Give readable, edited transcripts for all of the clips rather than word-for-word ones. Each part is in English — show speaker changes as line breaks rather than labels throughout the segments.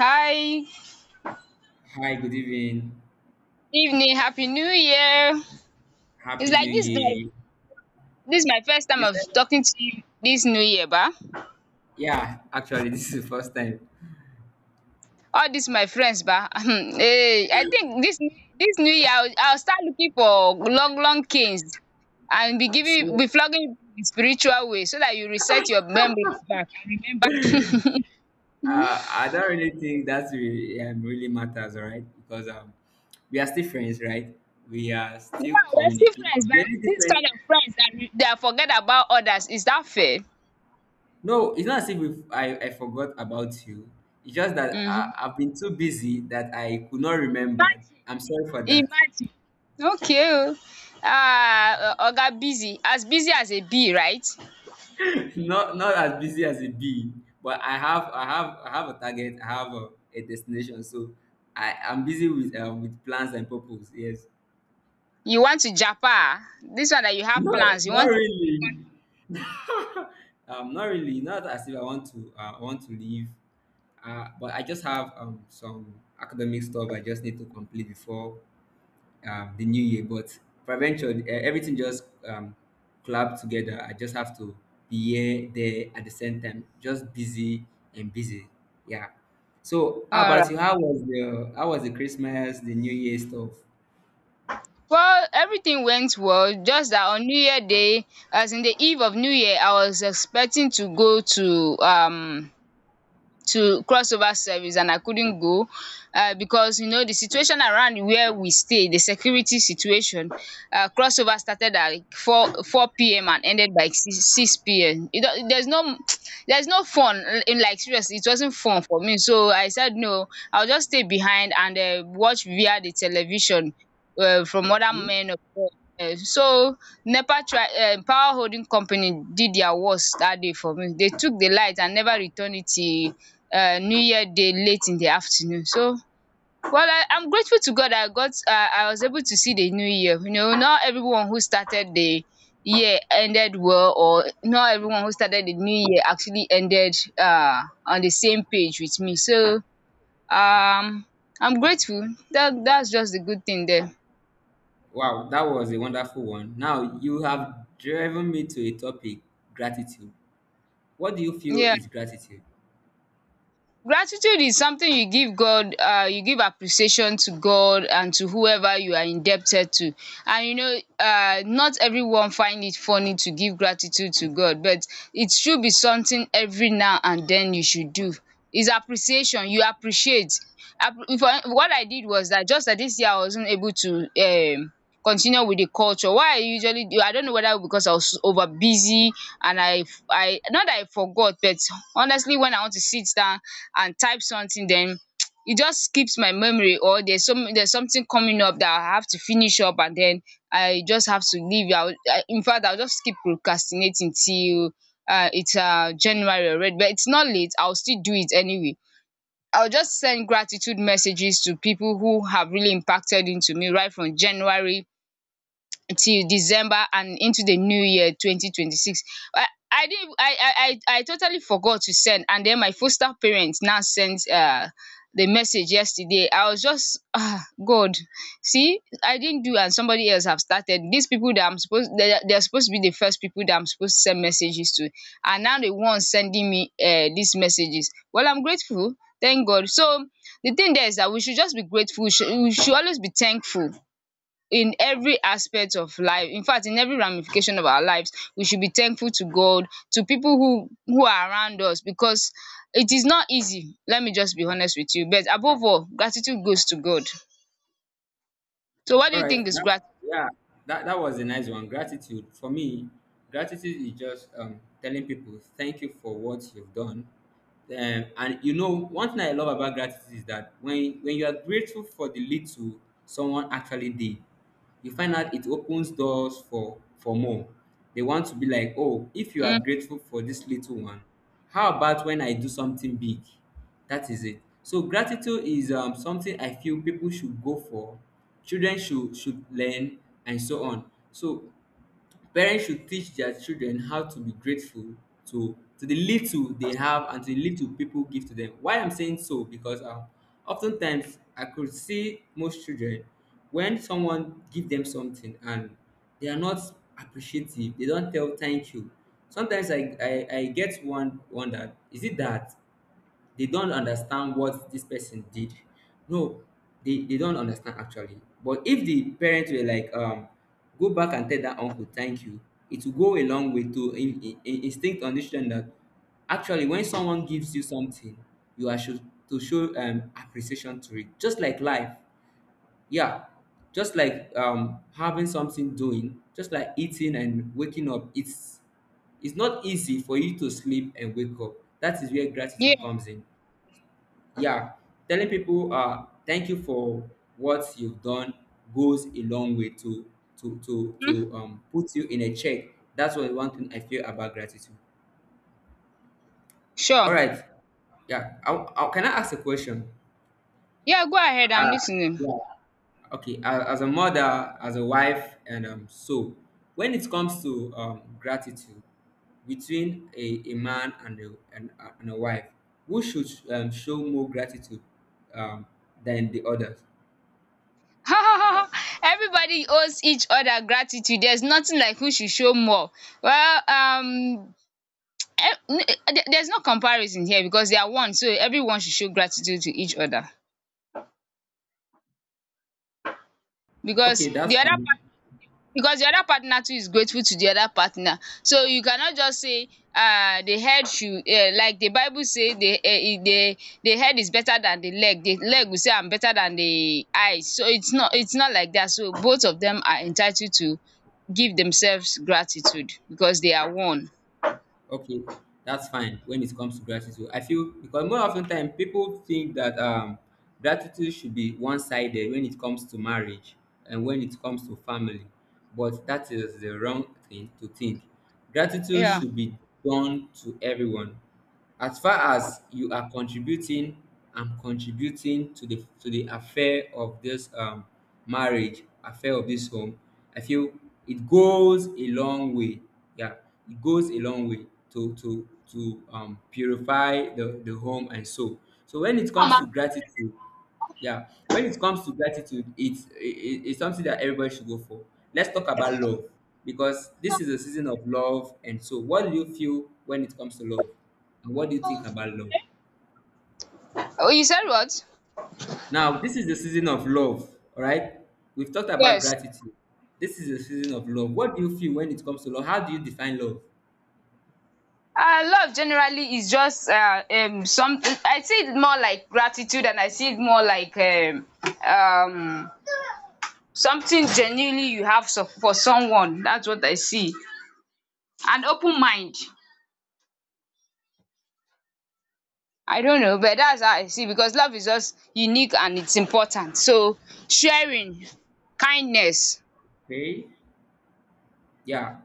Hi,
Hi, good evening.
evening, Happy New Year. It's
Happy New
like this is my
Year.
first time
You
of
said,
talking to you this new year, ba.
yeah, actually, this is the first time.
All this my friends, ba. hey, I think this new year I'll start looking for long long canes and
So,
be flogging in spiritual way so that you reset your memories back and remember. yeah,
I don't really think that really, really matters, all right? Because we are still friends, right? We are still
we're still
communicating.
friends, but this kind of friends that forget about others, is that fair?
No, it's not as if I forgot about you. It's just that
Hmm.
I've been too busy that I could not remember.
Imagine.
I'm sorry for that.
Imagine. Okay oh. Ah, Oga busy as a bee, right?
Not as busy as a bee, but I have a target. I have a destination. So I'm busy with plans and purpose. Yes.
You want to japa. This one that you have
not
plans, you
not
want.
really Not really, not as if I want to I want to leave, but I just have some academic stuff I just need to complete before the new year. But for venture, everything just collab together. I just have to be here, there at the same time, just busy and busy. Yeah. So how
Alright.
about you? How was the Christmas, the New Year stuff?
Well, everything went well, just that on New Year day, as in the eve of New Year, I was expecting to go to crossover service and I couldn't go, because you know the situation around where we stay, the security situation. Crossover started at like four p.m. and ended by six p.m. It, don't- there's no fun in, like, seriously, it wasn't fun for me. So I said no, I'll just stay behind and watch via the television, from other
Okay.
men of God. So NEPA try, power holding company did their worst that day for me. They took the light and never returned it till new year day late in the afternoon. So, well, I am grateful to God, I got I was able to see the new year. Not everyone who started the year ended well, or not everyone who started the new year actually ended on the same page with me. So, um I'm grateful that that's just the good thing there.
Wow, that was a wonderful one. Now you have driven me to a topic, gratitude. What do you feel
Yeah.
is gratitude?
Gratitude is something you give God, you give appreciation to God and to whoever you are indebted to. And not everyone find it funny to give gratitude to God, but it should be something every now and then you should do. Is appreciation. You appreciate. What I did was that, just that this year I wasn't able to um, continue with the culture. Why I usually do, I don't know, whether because I was over busy and I not that I forgot, but honestly, when I want to sit down and type something, then it just skips my memory, or there's something coming up that I have to finish up and then I just have to leave. I will I In fact, I'll just keep procrastinating till it's January already. But it's not late, I'll still do it anyway. I'll just send gratitude messages to people who have really impacted into me right from January till December and into the new year 2026. I didn't I totally forgot to send, and then my foster parents now sent the message yesterday. I was just, God, see, I didn't do and somebody else have started. These people that I'm suppose dey dey are they're supposed to be the first people that I'm supposed to send messages to are now the ones sending me dis messages. Well, I'm grateful, thank God. So the thing there is that we should just be grateful, we should always be thankful in every aspect of life. In fact, in every ramification of our lives we should be thankful to God, to people who are around us, because it is not easy. Let me just be honest with you, but above all, gratitude goes to God. So, what do
All
you
right.
think is grat?
Yeah, that was a nice one. Gratitude. For me, gratitude is just telling people thank you for what you've done. And you know, one thing I love about gratitude is that when you are grateful for the little someone actually did, you find out it opens doors for more. They want to be like, oh, if you are
Mm,
grateful for this little one, how about when I do something big? That is it. So gratitude is something I feel people should go for. Children should learn, and so on. So parents should teach their children how to be grateful to the little they have and to the little people give to them. Why I'm saying so, because oftentimes I could see most children, when someone give them something, and they are not appreciative, they don't tell thank you. Sometimes I get one wondered, is it that they don't understand what this person did? No, they don't understand actually. But if the parents were like, go back and tell that uncle thank you, it will go a long way to instinct understand that actually when someone gives you something, you are should to show appreciation to it. Just like life, yeah. Just like having something doing, just like eating and waking up, it's not easy for you to sleep and wake up. That is where gratitude
yeah.
comes in. Yeah, telling people thank you for what you've done goes a long way
Mm,
to put you in a check. That's what one thing I feel about gratitude. All
sure.
right. Yeah, I can I ask a question?
Yeah, go ahead, I'm
uh,
listening.
yeah. Okay, as a mother, as a wife, and so when it comes to gratitude between a man and and a wife, who should show more gratitude um, than the others?
everybody owes each other gratitude, there's nothing like who should show more. Well, there's no comparison here, because they are one, so everyone should show gratitude to each other, because
Okay,
the
that's
other
fine.
partner because the other partner too is grateful to the other partner. So you cannot just say, the head should, like the Bible say, the head is better than the leg will say I'm better than the eyes. So it's not like that. So both of them are entitled to give themselves gratitude because they are one.
Okay, that's fine. When it comes to gratitude, I feel, because more of ten time people think that gratitude should be one-sided when it comes to marriage and when it comes to family, but that is the wrong thing to think. Gratitude
Yeah.
should be done to everyone. As far as you are contributing, am contributing to the affair of this marriage, affair of this home, I feel it goes a long way. Yeah, it goes a long way to purify the home and soul. So when it comes to gratitude. Yeah. When it comes to gratitude, it's something that everybody should go for. Let's talk about love, because this is a season of love. And so, what do you feel when it comes to love? And what do you think about love?
Oh, you said what?
Now, this is the season of love, all right? We've talked about
Yes.
gratitude. This is the season of love. What do you feel when it comes to love? How do you define love?
Love generally is just something, I see it more like gratitude, and I see it more like um something genuinely you have for someone, that's what I see. And open mind, I don't know, but that's how I see, because love is just unique and it's important. So, sharing, kindness,
Okay. Yeah,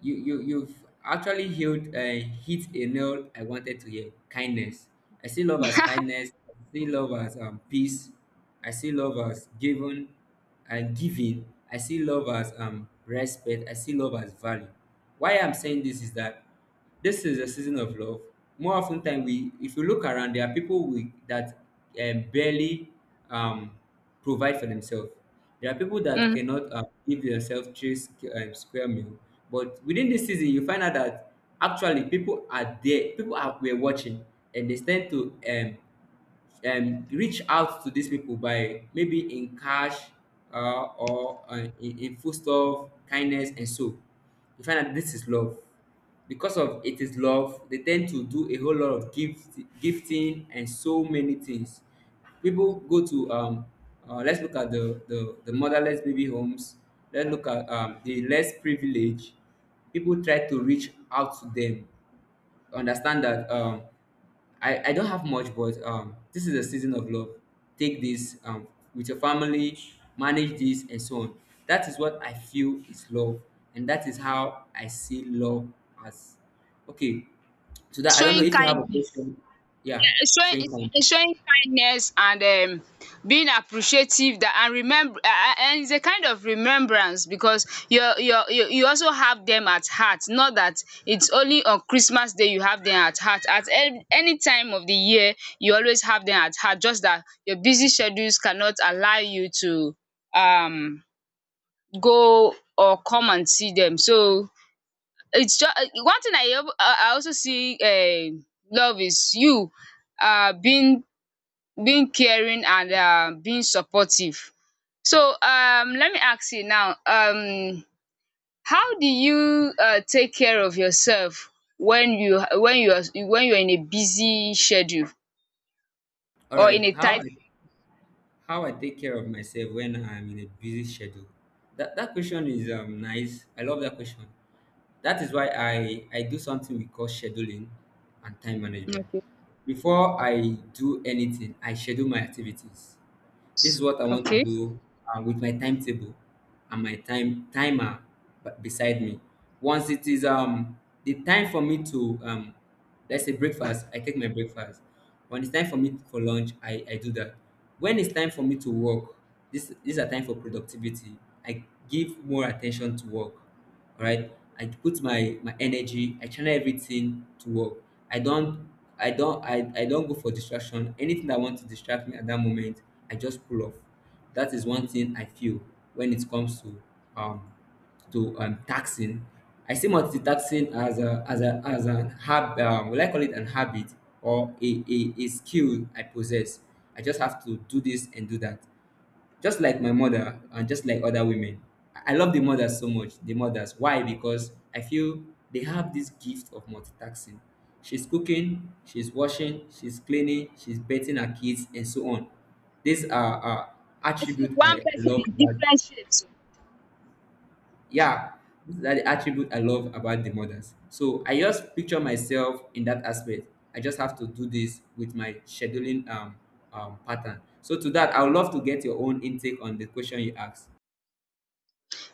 you've actually hit hit a nail. I wanted to hear kindness. I see love as kindness. I see love as peace. I see love as given and giving. I see love as respect. I see love as value. Why I'm saying this is that this is a season of love. More often than we, if you look around, there are people that barely um, provide for themselves. There are people that
um
cannot give themselves square meal. But within this season, you find out that actually people are there, people are we're watching, and they tend to reach out to these people by maybe in cash, or in foodstuff, kindness, and so. You find that this is love. Because of it is love, they tend to do a whole lot of gifting and so many things. People go to let's look at the motherless baby homes. Let's look at the less privileged. People try to reach out to them, understand that I don't have much, but this is a season of love. Take this with your family, manage this and so on. That is what I feel is love, and that is how I see love as. Okay, so that, I don't know
showing
if you have a
kindness,
question. Yeah,
showing
Shane can.
showing kindness and being appreciative, that and remember, and it's a kind of remembrance because you also have them at heart, not that it's only on Christmas day you have them at heart at any time of the year. You always have them at heart, just that your busy schedules cannot allow you to um go or come and see them. So it's just one thing I al I also see. Love is you, uh, being being caring and being supportive. So, let me ask you now, how do you take care of yourself when you are in a busy schedule
All
or in
right,
a tight?
how I take care of myself when I'm in a busy schedule. That that question is nice. I love that question. That is why I do something we call scheduling and time management.
Okay.
Before I do anything, I schedule my activities. This is what I want to
Okay.
do, with my timetable and my timer beside me. Once it is the time for me to let's say breakfast, I take my breakfast. When it's time for me for lunch, I do that. When it's time for me to work, this these are time for productivity. I give more attention to work, all right. I put my energy, I channel everything to work. I don't i don't i, I don't go for distraction. Anything that wants to distract me at that moment, I just pull off. That is one thing I feel. When it comes to um taxing, I see multitasking as a as a as an hab will I call it an habit or a skill I possess. I just have to do this and do that. Just like my mother, and just like other women, I love the mothers so much. The mothers. Why? Because I feel they have this gift of multitasking. She's cooking, she's washing, she's cleaning, she's bathing her kids, and so on. These are attribute
One
I
person
love
in
about.
different shapes.
Yeah, these are the attribute I love about the mothers. So I just picture myself in that aspect. I just have to do this with my scheduling pattern. So to that, I would love to get your own intake on the question you asked.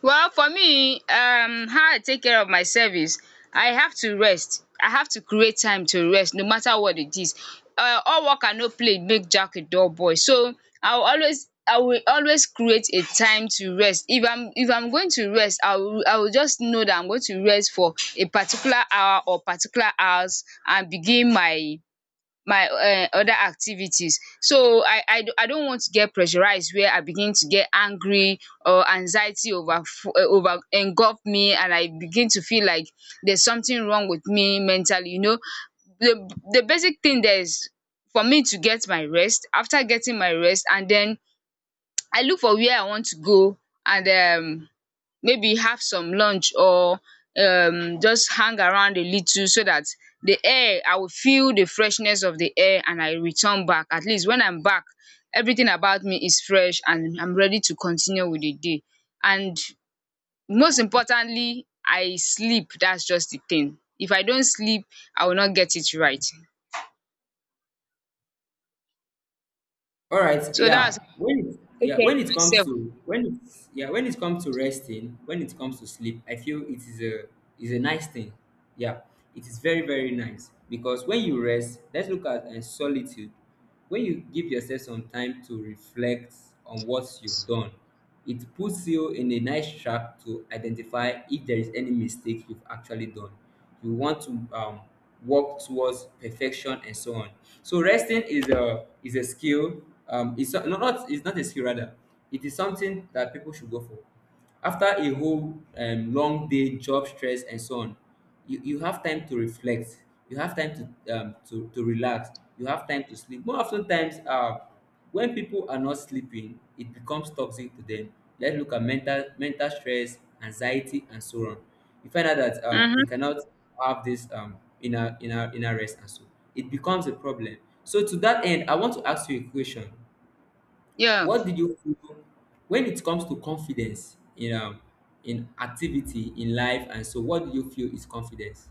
Well, for me, how I take care of myself is, I have to rest. I have to create time to rest, no matter what it is. All work and no play make Jack a dull boy. So I will always create a time to rest. If I'm going to rest, I will just know that I'm going to rest for a particular hour or particular hours and begin my other activities. So I don't want to get pressurized, where I begin to get angry or anxiety over engulf me and I begin to feel like there's something wrong with me mentally, you know. The basic thing there is for me to get my rest. After getting my rest and then I look for where I want to go and um maybe have some lunch or just hang around a little, so that the air I will feel the freshness of the air and I return back. At least when I'm back, everything about me is fresh and I'm ready to continue with the day. And most importantly, I sleep. That's just the thing. If I don't sleep, I will not get it right.
All right,
So that's how
yeah. When it,
I take
yeah,
care of
when it comes
myself.
to when it, yeah, When it comes to resting, when it comes to sleep, I feel it is a nice thing. Yeah, it is very nice because when you rest, let's look at solitude. When you give yourself some time to reflect on what you've done, it puts you in a nice track to identify if there is any mistake you've actually done. You want to work towards perfection and so on. So resting is a skill. It's not, no, not, it's not a skill, rather it is something that people should go for. After a whole long day job stress and so on, you have time to reflect, you have time to to relax, you have time to sleep. More often times, when people are not sleeping, it becomes toxic to them. Let's look at mental stress, anxiety, and so on. You find out that they
Mhm.
cannot have this inner rest, and so it becomes a problem. So to that end, I want to ask you a question.
Yeah.
What did you feel when it comes to confidence in activity in life, and so what do you feel is confidence?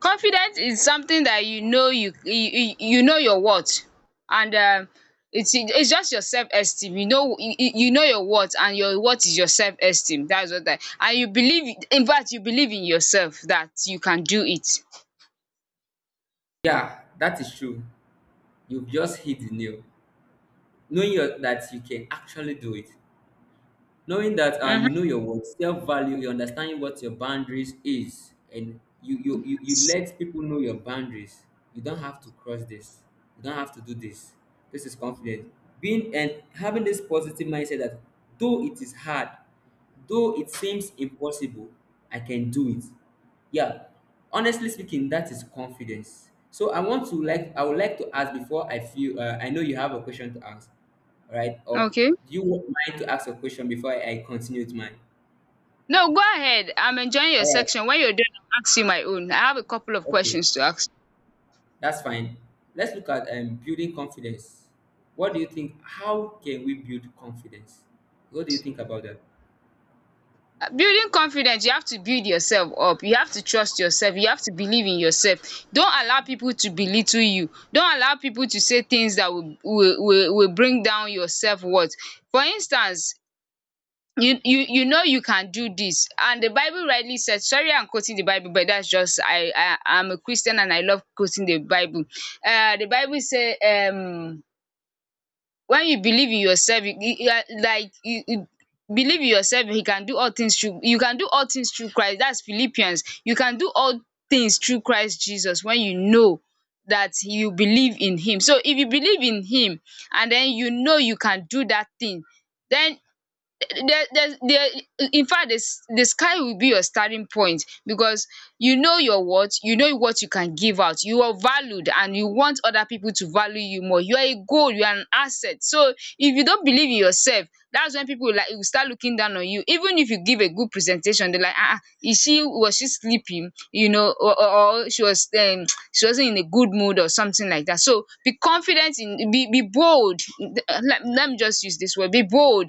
Confidence is something that you know, you know your worth, and it's just your self esteem. You know, you know your worth, and your worth is your self esteem. That's what I, and you believe, in fact you believe in yourself that you can do it.
Yeah, that is true. You've just hit the nail. Knowing your, that you can actually do it. Knowing that you
Mhm.
know your worth, self-value. You understand what your boundaries is, and you let people know your boundaries. You don't have to cross this. You don't have to do this. This is confidence, being and having this positive mindset that though it is hard, though it seems impossible, I can do it. Yeah, honestly speaking, that is confidence. So I would like to ask, before I feel I know you have a question to ask, right? Or
Okay.
do you want mind to ask a question before I continue with mine?
No, go ahead, I'm enjoying your
All right,
section. When you're done, I'll ask you my own, I have a couple of
okay,
questions to ask.
that's fine. Let's look at building confidence. What do you think, how can we build confidence? What do you think about that?
Building confidence, you have to build yourself up, you have to trust yourself, you have to believe in yourself, don't allow people to belittle you, don't allow people to say things that will bring down your self worth. For instance, you know you can do this, and the Bible rightly said, sorry, I'm quoting the Bible, but that's just, I'm a Christian and I love quoting the Bible. The Bible say, when you believe in yourself, you are like you believe in yourself, you can do all things through Christ. That's Philippians. You can do all things through Christ Jesus when you know that you believe in him. So if you believe in him and then you know you can do that thing, then there, in fact, this the sky will be your starting point, because you know your worth, you know what you can give out, you are valued and you want other people to value you more, you are a gold, you are an asset. So if you don't believe in yourself, that's when people will start looking down on you. Even if you give a good presentation, they're like, is she was she sleeping, or, she was, she wasn't in a good mood or something like that. So be confident in, be bold. Let me just use this word, be bold.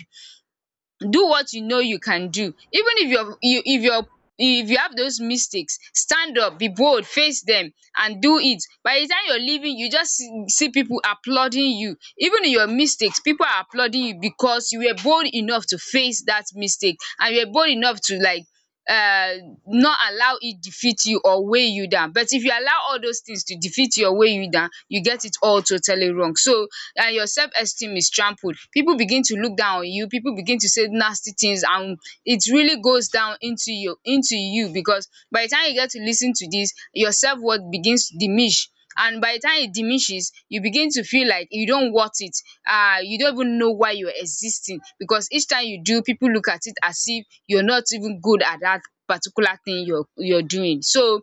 Do what you know you can do. Even if you're you if you're if you have those mistakes, stand up, be bold, face them and do it. By the time you're leaving, you just See people applauding you even in your mistakes. People are applauding you because you were bold enough to face that mistake, and you were bold enough to, like, uh, not allow it defeat you or weigh you down. But if you allow all those things to defeat you or weigh you down, you get it all totally wrong. So your self-esteem is trampled. People begin to look down on you. People begin to say nasty things, and it really goes down into you because by the time you get to listen to this, your self-worth begins to diminish. And by the time it diminishes, you begin to feel like you don't worth it. You don't even know why you're existing because each time you do, people look at it as if you're not even good at that particular thing you're doing. So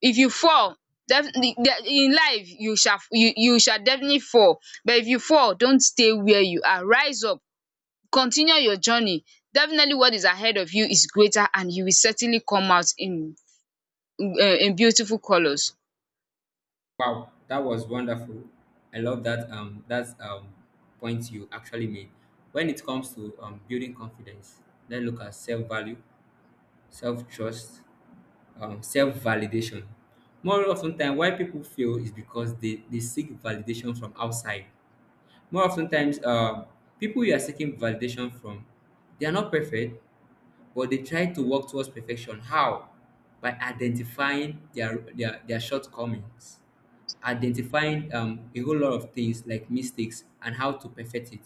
if you fall, definitely, in life you shall, you shall definitely fall. But if you fall, don't stay where you are. Rise up, continue your journey. Definitely what is ahead of you is greater, and you will certainly come out uh, in beautiful colours.
Wow, that was wonderful. I love that, that's point you actually made. When it comes to building confidence, let's look at self-value, self-trust, self-validation. More often time, why people fail is because they seek validation from outside. More often times, people you are seeking validation from, they are not perfect, but they try to work towards perfection. How? By identifying their shortcomings, identifying a whole lot of things like mistakes and how to perfect it.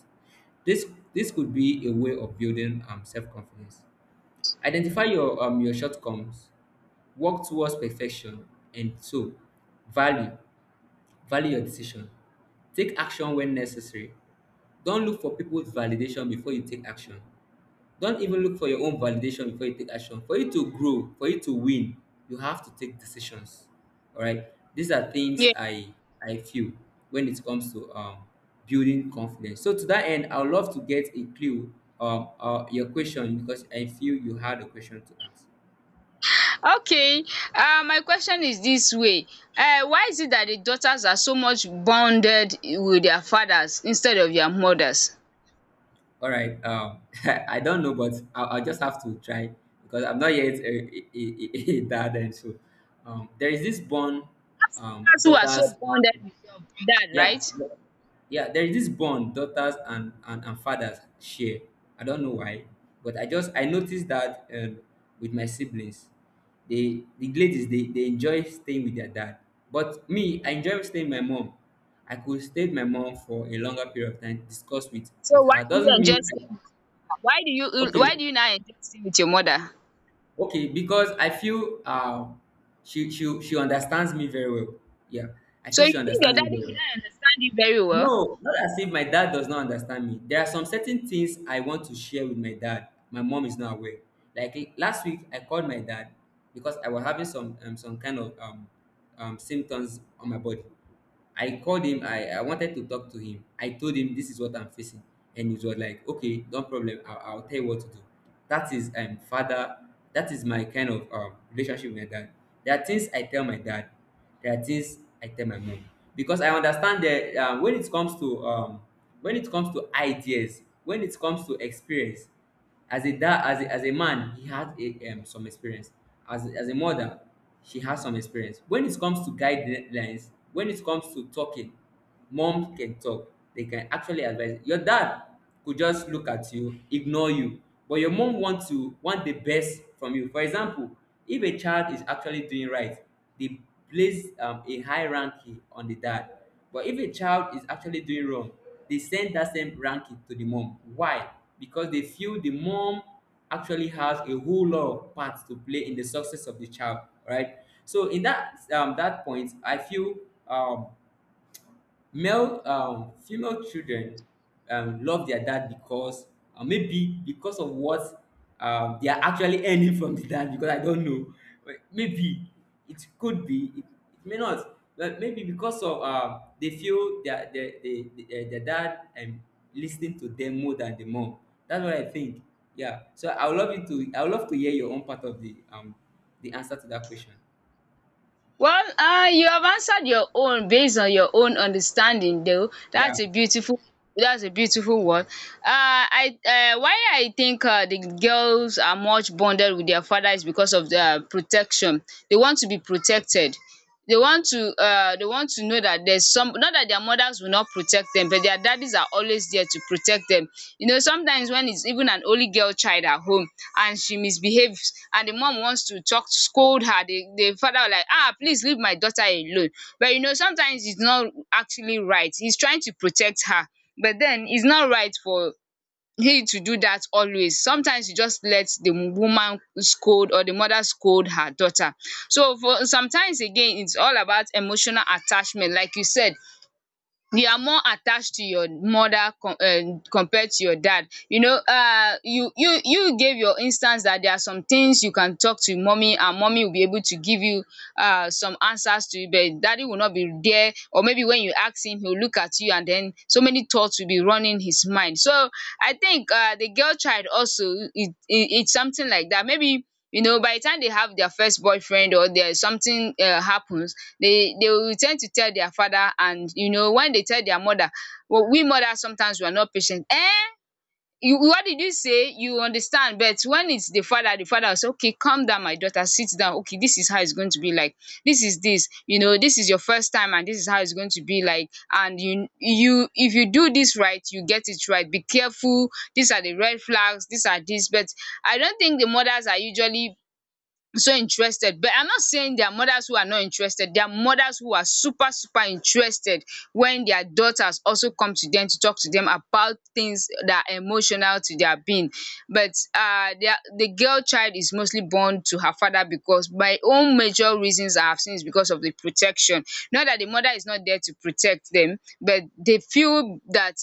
This this could be a way of building self confidence. Identify your shortcomings. Work towards perfection. And so, value, value your decision. Take action when necessary. Don't look for people's validation before you take action. Don't even look for your own validation before you take action. For you to grow, for you to win, you have to take decisions. All right. These are things I feel when it comes to building confidence. So to that end, I would love to get a clue, your question, because I feel you had a question to ask.
Okay, my question is this way. Why is it that the daughters are so much bonded with their fathers instead of their mothers?
All right. I don't know, but I'll just have to try, because I'm not yet a dad, and so there is this bond,
Fathers, who are so
daughters.
bonded
Have-
with your dad, right?
Yeah, yeah. There is this bond daughters and, and fathers share. I don't know why, but I noticed that with my siblings, they the ladies they enjoy staying with their dad, but me, I enjoy staying with my mom. I could stay with my mom for a longer period of time, discuss
So
with
why
her.
do you
Doesn't
enjoy
mean
staying with her? Why do
Okay,
you now enjoy staying with your mother?
okay, because I feel she she understands me very well. Yeah, I
So
feel she
you think your
understands me
daddy will
very well.
not understand you very well?
No, not as if my dad does not understand me. There are some certain things I want to share with my dad. My mom is not aware. Like last week, I called my dad because I was having some kind of symptoms on my body. I called him. I wanted to talk to him. I told him this is what I'm facing, and he was like, "Okay, no problem. I'll tell you what to do." That is father. That is my kind of relationship with my dad. There are things I tell my dad. There are things I tell my mom, because I understand that when it comes to when it comes to ideas, when it comes to experience, as a dad, as as a man, he had some experience. As as a mother, she has some experience. When it comes to guidelines, when it comes to talking, Mom can talk, they can actually advise. Your dad could just look at you, ignore you, but your mom wants to want the best from you. For example, if a child is actually doing right, they place a high ranking on the dad, but if a child is actually doing wrong, they send that same ranking to the mom. Why? Because they feel the mom actually has a whole lot of parts to play in the success of the child, right? So in that point, I feel um, male female children love their dad because maybe because of what they are actually earning from the dad, because I don't know. But maybe it could be, it may not. But maybe because of they feel their dad listening to them more than the mom. That's what I think. Yeah. So I would love to hear your own part of the answer to that question.
Well, you have answered your own based on your own understanding, though.
Yeah.
That's a beautiful, that's a beautiful one. I Why I think the girls are much bonded with their father is because of their protection. They want to be protected. They want to, they want to know that there's some, not that their mothers will not protect them, but their daddies are always there to protect them. You know, sometimes when it's even an only girl child at home and she misbehaves and the mom wants to talk to scold her, the father will like, ah, please leave my daughter alone. But you know, sometimes it's not actually right. He's trying to protect her, but then it's not right for he to do that always. Sometimes he just let the woman scold, or the mother scold her daughter. So for sometimes again, it's all about emotional attachment. Like you said, you are more attached to your mother compared to your dad. You know, you gave your instance that there are some things you can talk to mummy and mummy will be able to give you some answers to it, but daddy will not be there, or maybe when you ask him, he will look at you and then so many thoughts will be running his mind. So I think the girl child also, it's something like that. Maybe, you know, by the time they have their first boyfriend or there is something happens, they will tend to tell their father. And you know, when they tell their mother, well, we mothers sometimes we are not patient. Eh, you, what did you say? You understand? But when it's the father, the father will say, okay, calm down my daughter, sit down, okay, this is how it's going to be like, this you know, this is your first time and this is how it's going to be like. And you, if you do this right, you get it right, be careful. These are the red flags, these are this. But I don't think the mothers are usually so interested. But I'm not saying there are mothers who are not interested. There are mothers who are super, super interested when their daughters also come to them to talk to them about things that are emotional to their being. But the girl child is mostly born to her father because my own major reasons I have seen is because of the protection. Not that the mother is not there to protect them, but they feel that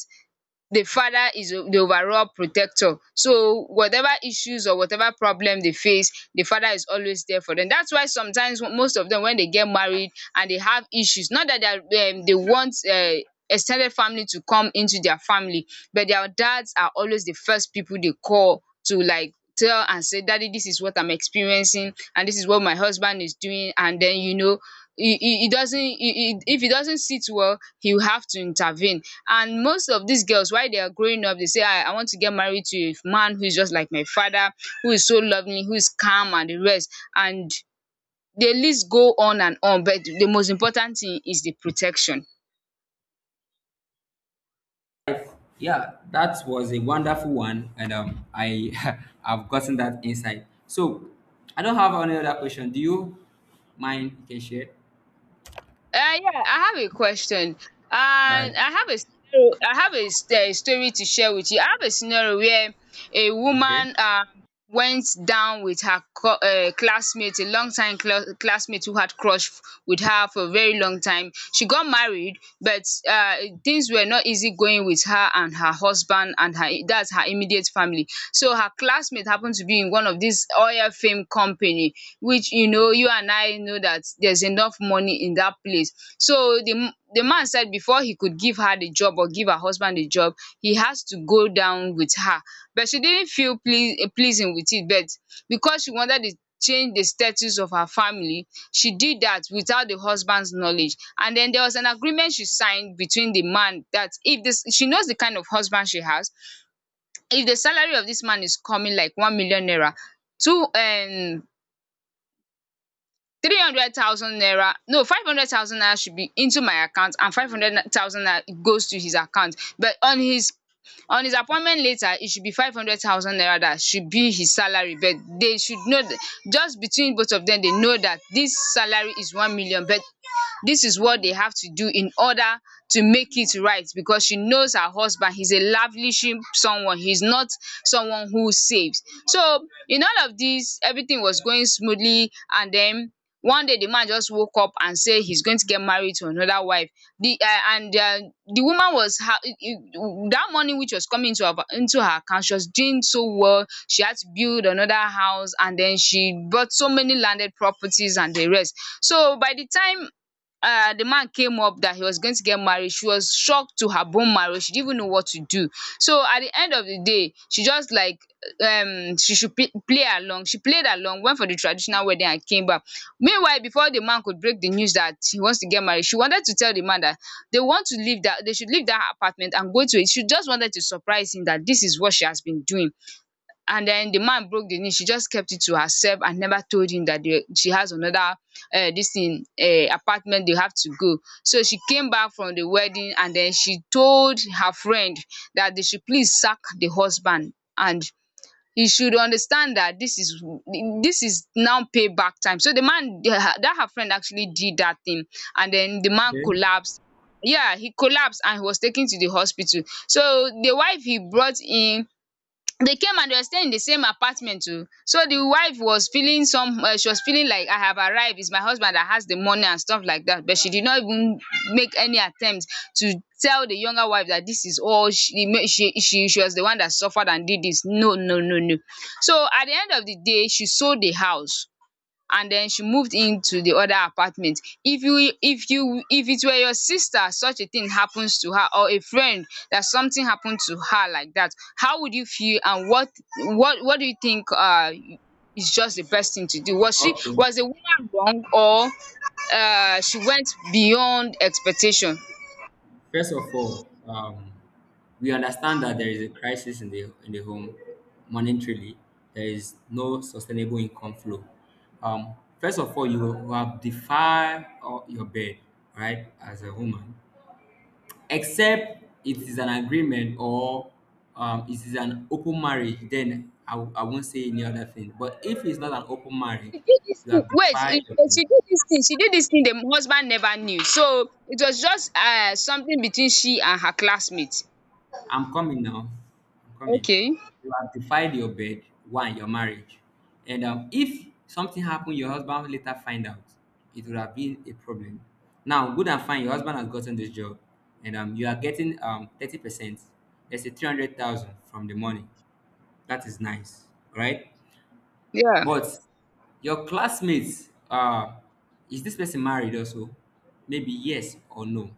the father is o- the overall protector. So whatever issues or whatever problem they face, the father is always there for them. That's why sometimes wh- most of them, when they get married and they have issues, not that they are they want ex family to come into their family, but their dads are always the first people they call to like tell and say, daddy, this is what I'm experiencing and this is what my husband is doing. And then, you know, he doesn't, if he doesn't sit well, he'll have to intervene. And most of these girls while they are growing up they say, I want to get married to a man who is just like my father, who is so lovely, who is calm, and the rest, and the list go on and on. But the most important thing is the protection.
Yeah, that was a wonderful one, and I I've gotten that insight. So I don't have any other question. Do you mind? You can share.
Yeah, I have a question, and
All
I
right.
have a scenario. I have a s- eh, story to share with you. I have a scenario where a
Okay.
woman went down with her co- classmate, a long time cl- classmate who had crush with her for a very long time. She got married, but uh, things were not easy going with her and her husband and her, that's her immediate family. So her classmate happened to be in one of these oil fame companies company, which you know, you and I know that there's enough money in that place. So the man said before he could give her the job or give her husband the job, he has to go down with her. But she didn't feel pleas eh, pleasing with it, but because she wanted to change the status of her family, she did that without the husband's knowledge. And then there was an agreement she signed between the man that if this, she knows the kind of husband she has, if the salary of this man is coming like 1,000,000 naira, two 300,000 naira, no, 500,000 naira should be into my account and 500,000 naira goes to his account. But on his appointment letter it should be 500,000 naira that should be his salary, but they should know that, just between both of them they know that this salary is 1,000,000, but this is what they have to do in order to make it right, because she knows her husband, he's a lavishing someone, he's not someone who saves. So in all of this, everything was going smoothly. And then one day, the man just woke up and say he's going to get married to another wife. The um and um the woman was ha, it- it- that money which was coming into her, into her account, she was doing so well. She had to build another house and then she bought so many landed properties and the rest. So by the time the man came up that he was going to get married, she was shocked to her bone marrow. She didn't even know what to do. So at the end of the day, she just like, she should p- play along. She played along, went for the traditional wedding and came back. Meanwhile, before the man could break the news that he wants to get married, she wanted to tell the man that they want to leave, that they should leave that apartment and go to it. She just wanted to surprise him that this is what she has been doing. And then the man broke the news, she just kept it to herself and never told him that they, she has another this thing apartment they have to go. So she came back from the wedding and then she told her friend that they should please sack the husband, and he should understand that this is now payback time. So the man, that her friend actually did that thing, and then the man
Okay.
collapsed. Yeah, he collapsed and he was taken to the hospital. So the wife he brought in, they came and they were staying in the same apartment too. So the wife was feeling some, she was feeling like, I have arrived, it's my husband that has the money and stuff like that. But she did not even make any attempt to tell the younger wife that this is all she ma- she was the one that suffered and did this. No, no, no, no. So at the end of the day, she sold the house and then she moved into the other apartment. If you, if you, if it were your sister, such a thing happens to her, or a friend that something happened to her like that, how would you feel, and what, what do you think? Is just the best thing to do? Was she,
Okay.
was the woman wrong, or she went beyond expectation?
First of all, we understand that there is a crisis in the home, monetarily. There is no sustainable income flow. Um, first of all, you will have defied your bed, right, as a woman. Except it is an agreement, or it is an open marriage, then I won't say any other thing. But if it's not an open marriage,
She did this
you
thing,
have
wait,
defied
it-
your
it-
bed.
she did this thing, she did this thing, the husband never knew. So it was just something between she and her classmate.
I'm coming now. I'm coming.
Okay.
You have defied your bed, one, your marriage. And if something happened, your husband will later find out, it would have been a problem. Now, good and fine, your husband has gotten this job, and you are getting 30%. Let's say 300,000 from the money. That is nice, right?
Yeah.
But your classmates, is this person married also? Maybe yes or no.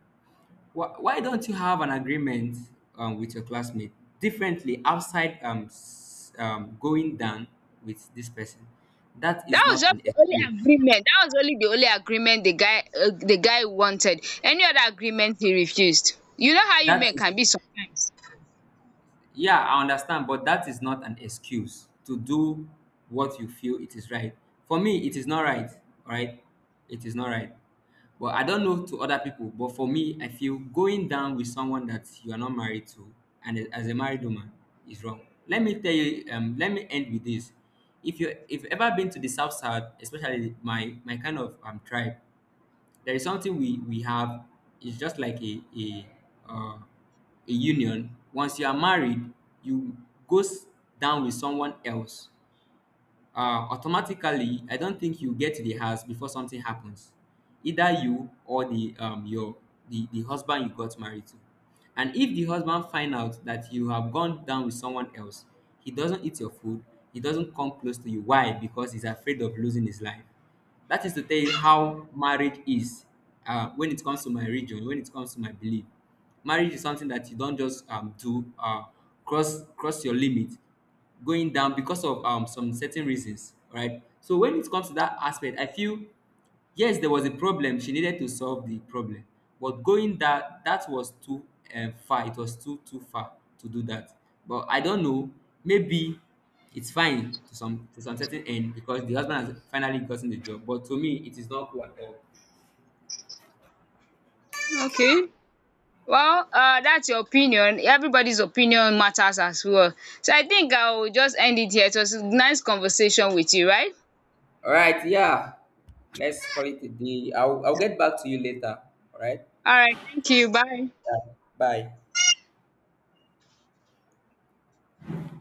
Why don't you have an agreement with your classmate differently, outside going down with this person? That
That
is
was
not
just
an
the only
excuse.
agreement. That was only the only agreement the guy, the guy wanted. Any other agreement he refused. You know how you
That
men
is
can be sometimes.
Yeah, I understand, but that is not an excuse to do what you feel it is right. For me, it is not right, all right? It is not right. But I don't know to other people, but for me, I feel going down with someone that you are not married to, and as a married woman, is wrong. Let me tell you, let me end with this. If you if you've ever been to the South Side, especially my kind of tribe, there is something we have. It's just like a uh, a union. Once you are married, you goes down with someone else, automatically, I don't think you get to the house before something happens, either you or the your the husband you got married to. And if the husband find out that you have gone down with someone else, he doesn't eat your food, he doesn't come close to you. Why? Because he's afraid of losing his life. That is to tell you how marriage is. When it comes to my religion, when it comes to my belief, marriage is something that you don't just do, cross your limit, going down because of some certain reasons, right? So when it comes to that aspect, I feel yes, there was a problem, she needed to solve the problem, but going that, that was too far. It was too far to do that. But I don't know, maybe it's fine to some certain end, because the husband has finally gotten the job, but to me, it is not cool at all.
Okay. Well, that's your opinion. Everybody's opinion matters as well. So I think I'll just end it here. It was a nice conversation with you, right?
All right, yeah, let's call it a day. I'll get back to you later. All right.
All right. Thank you. Bye.
Bye.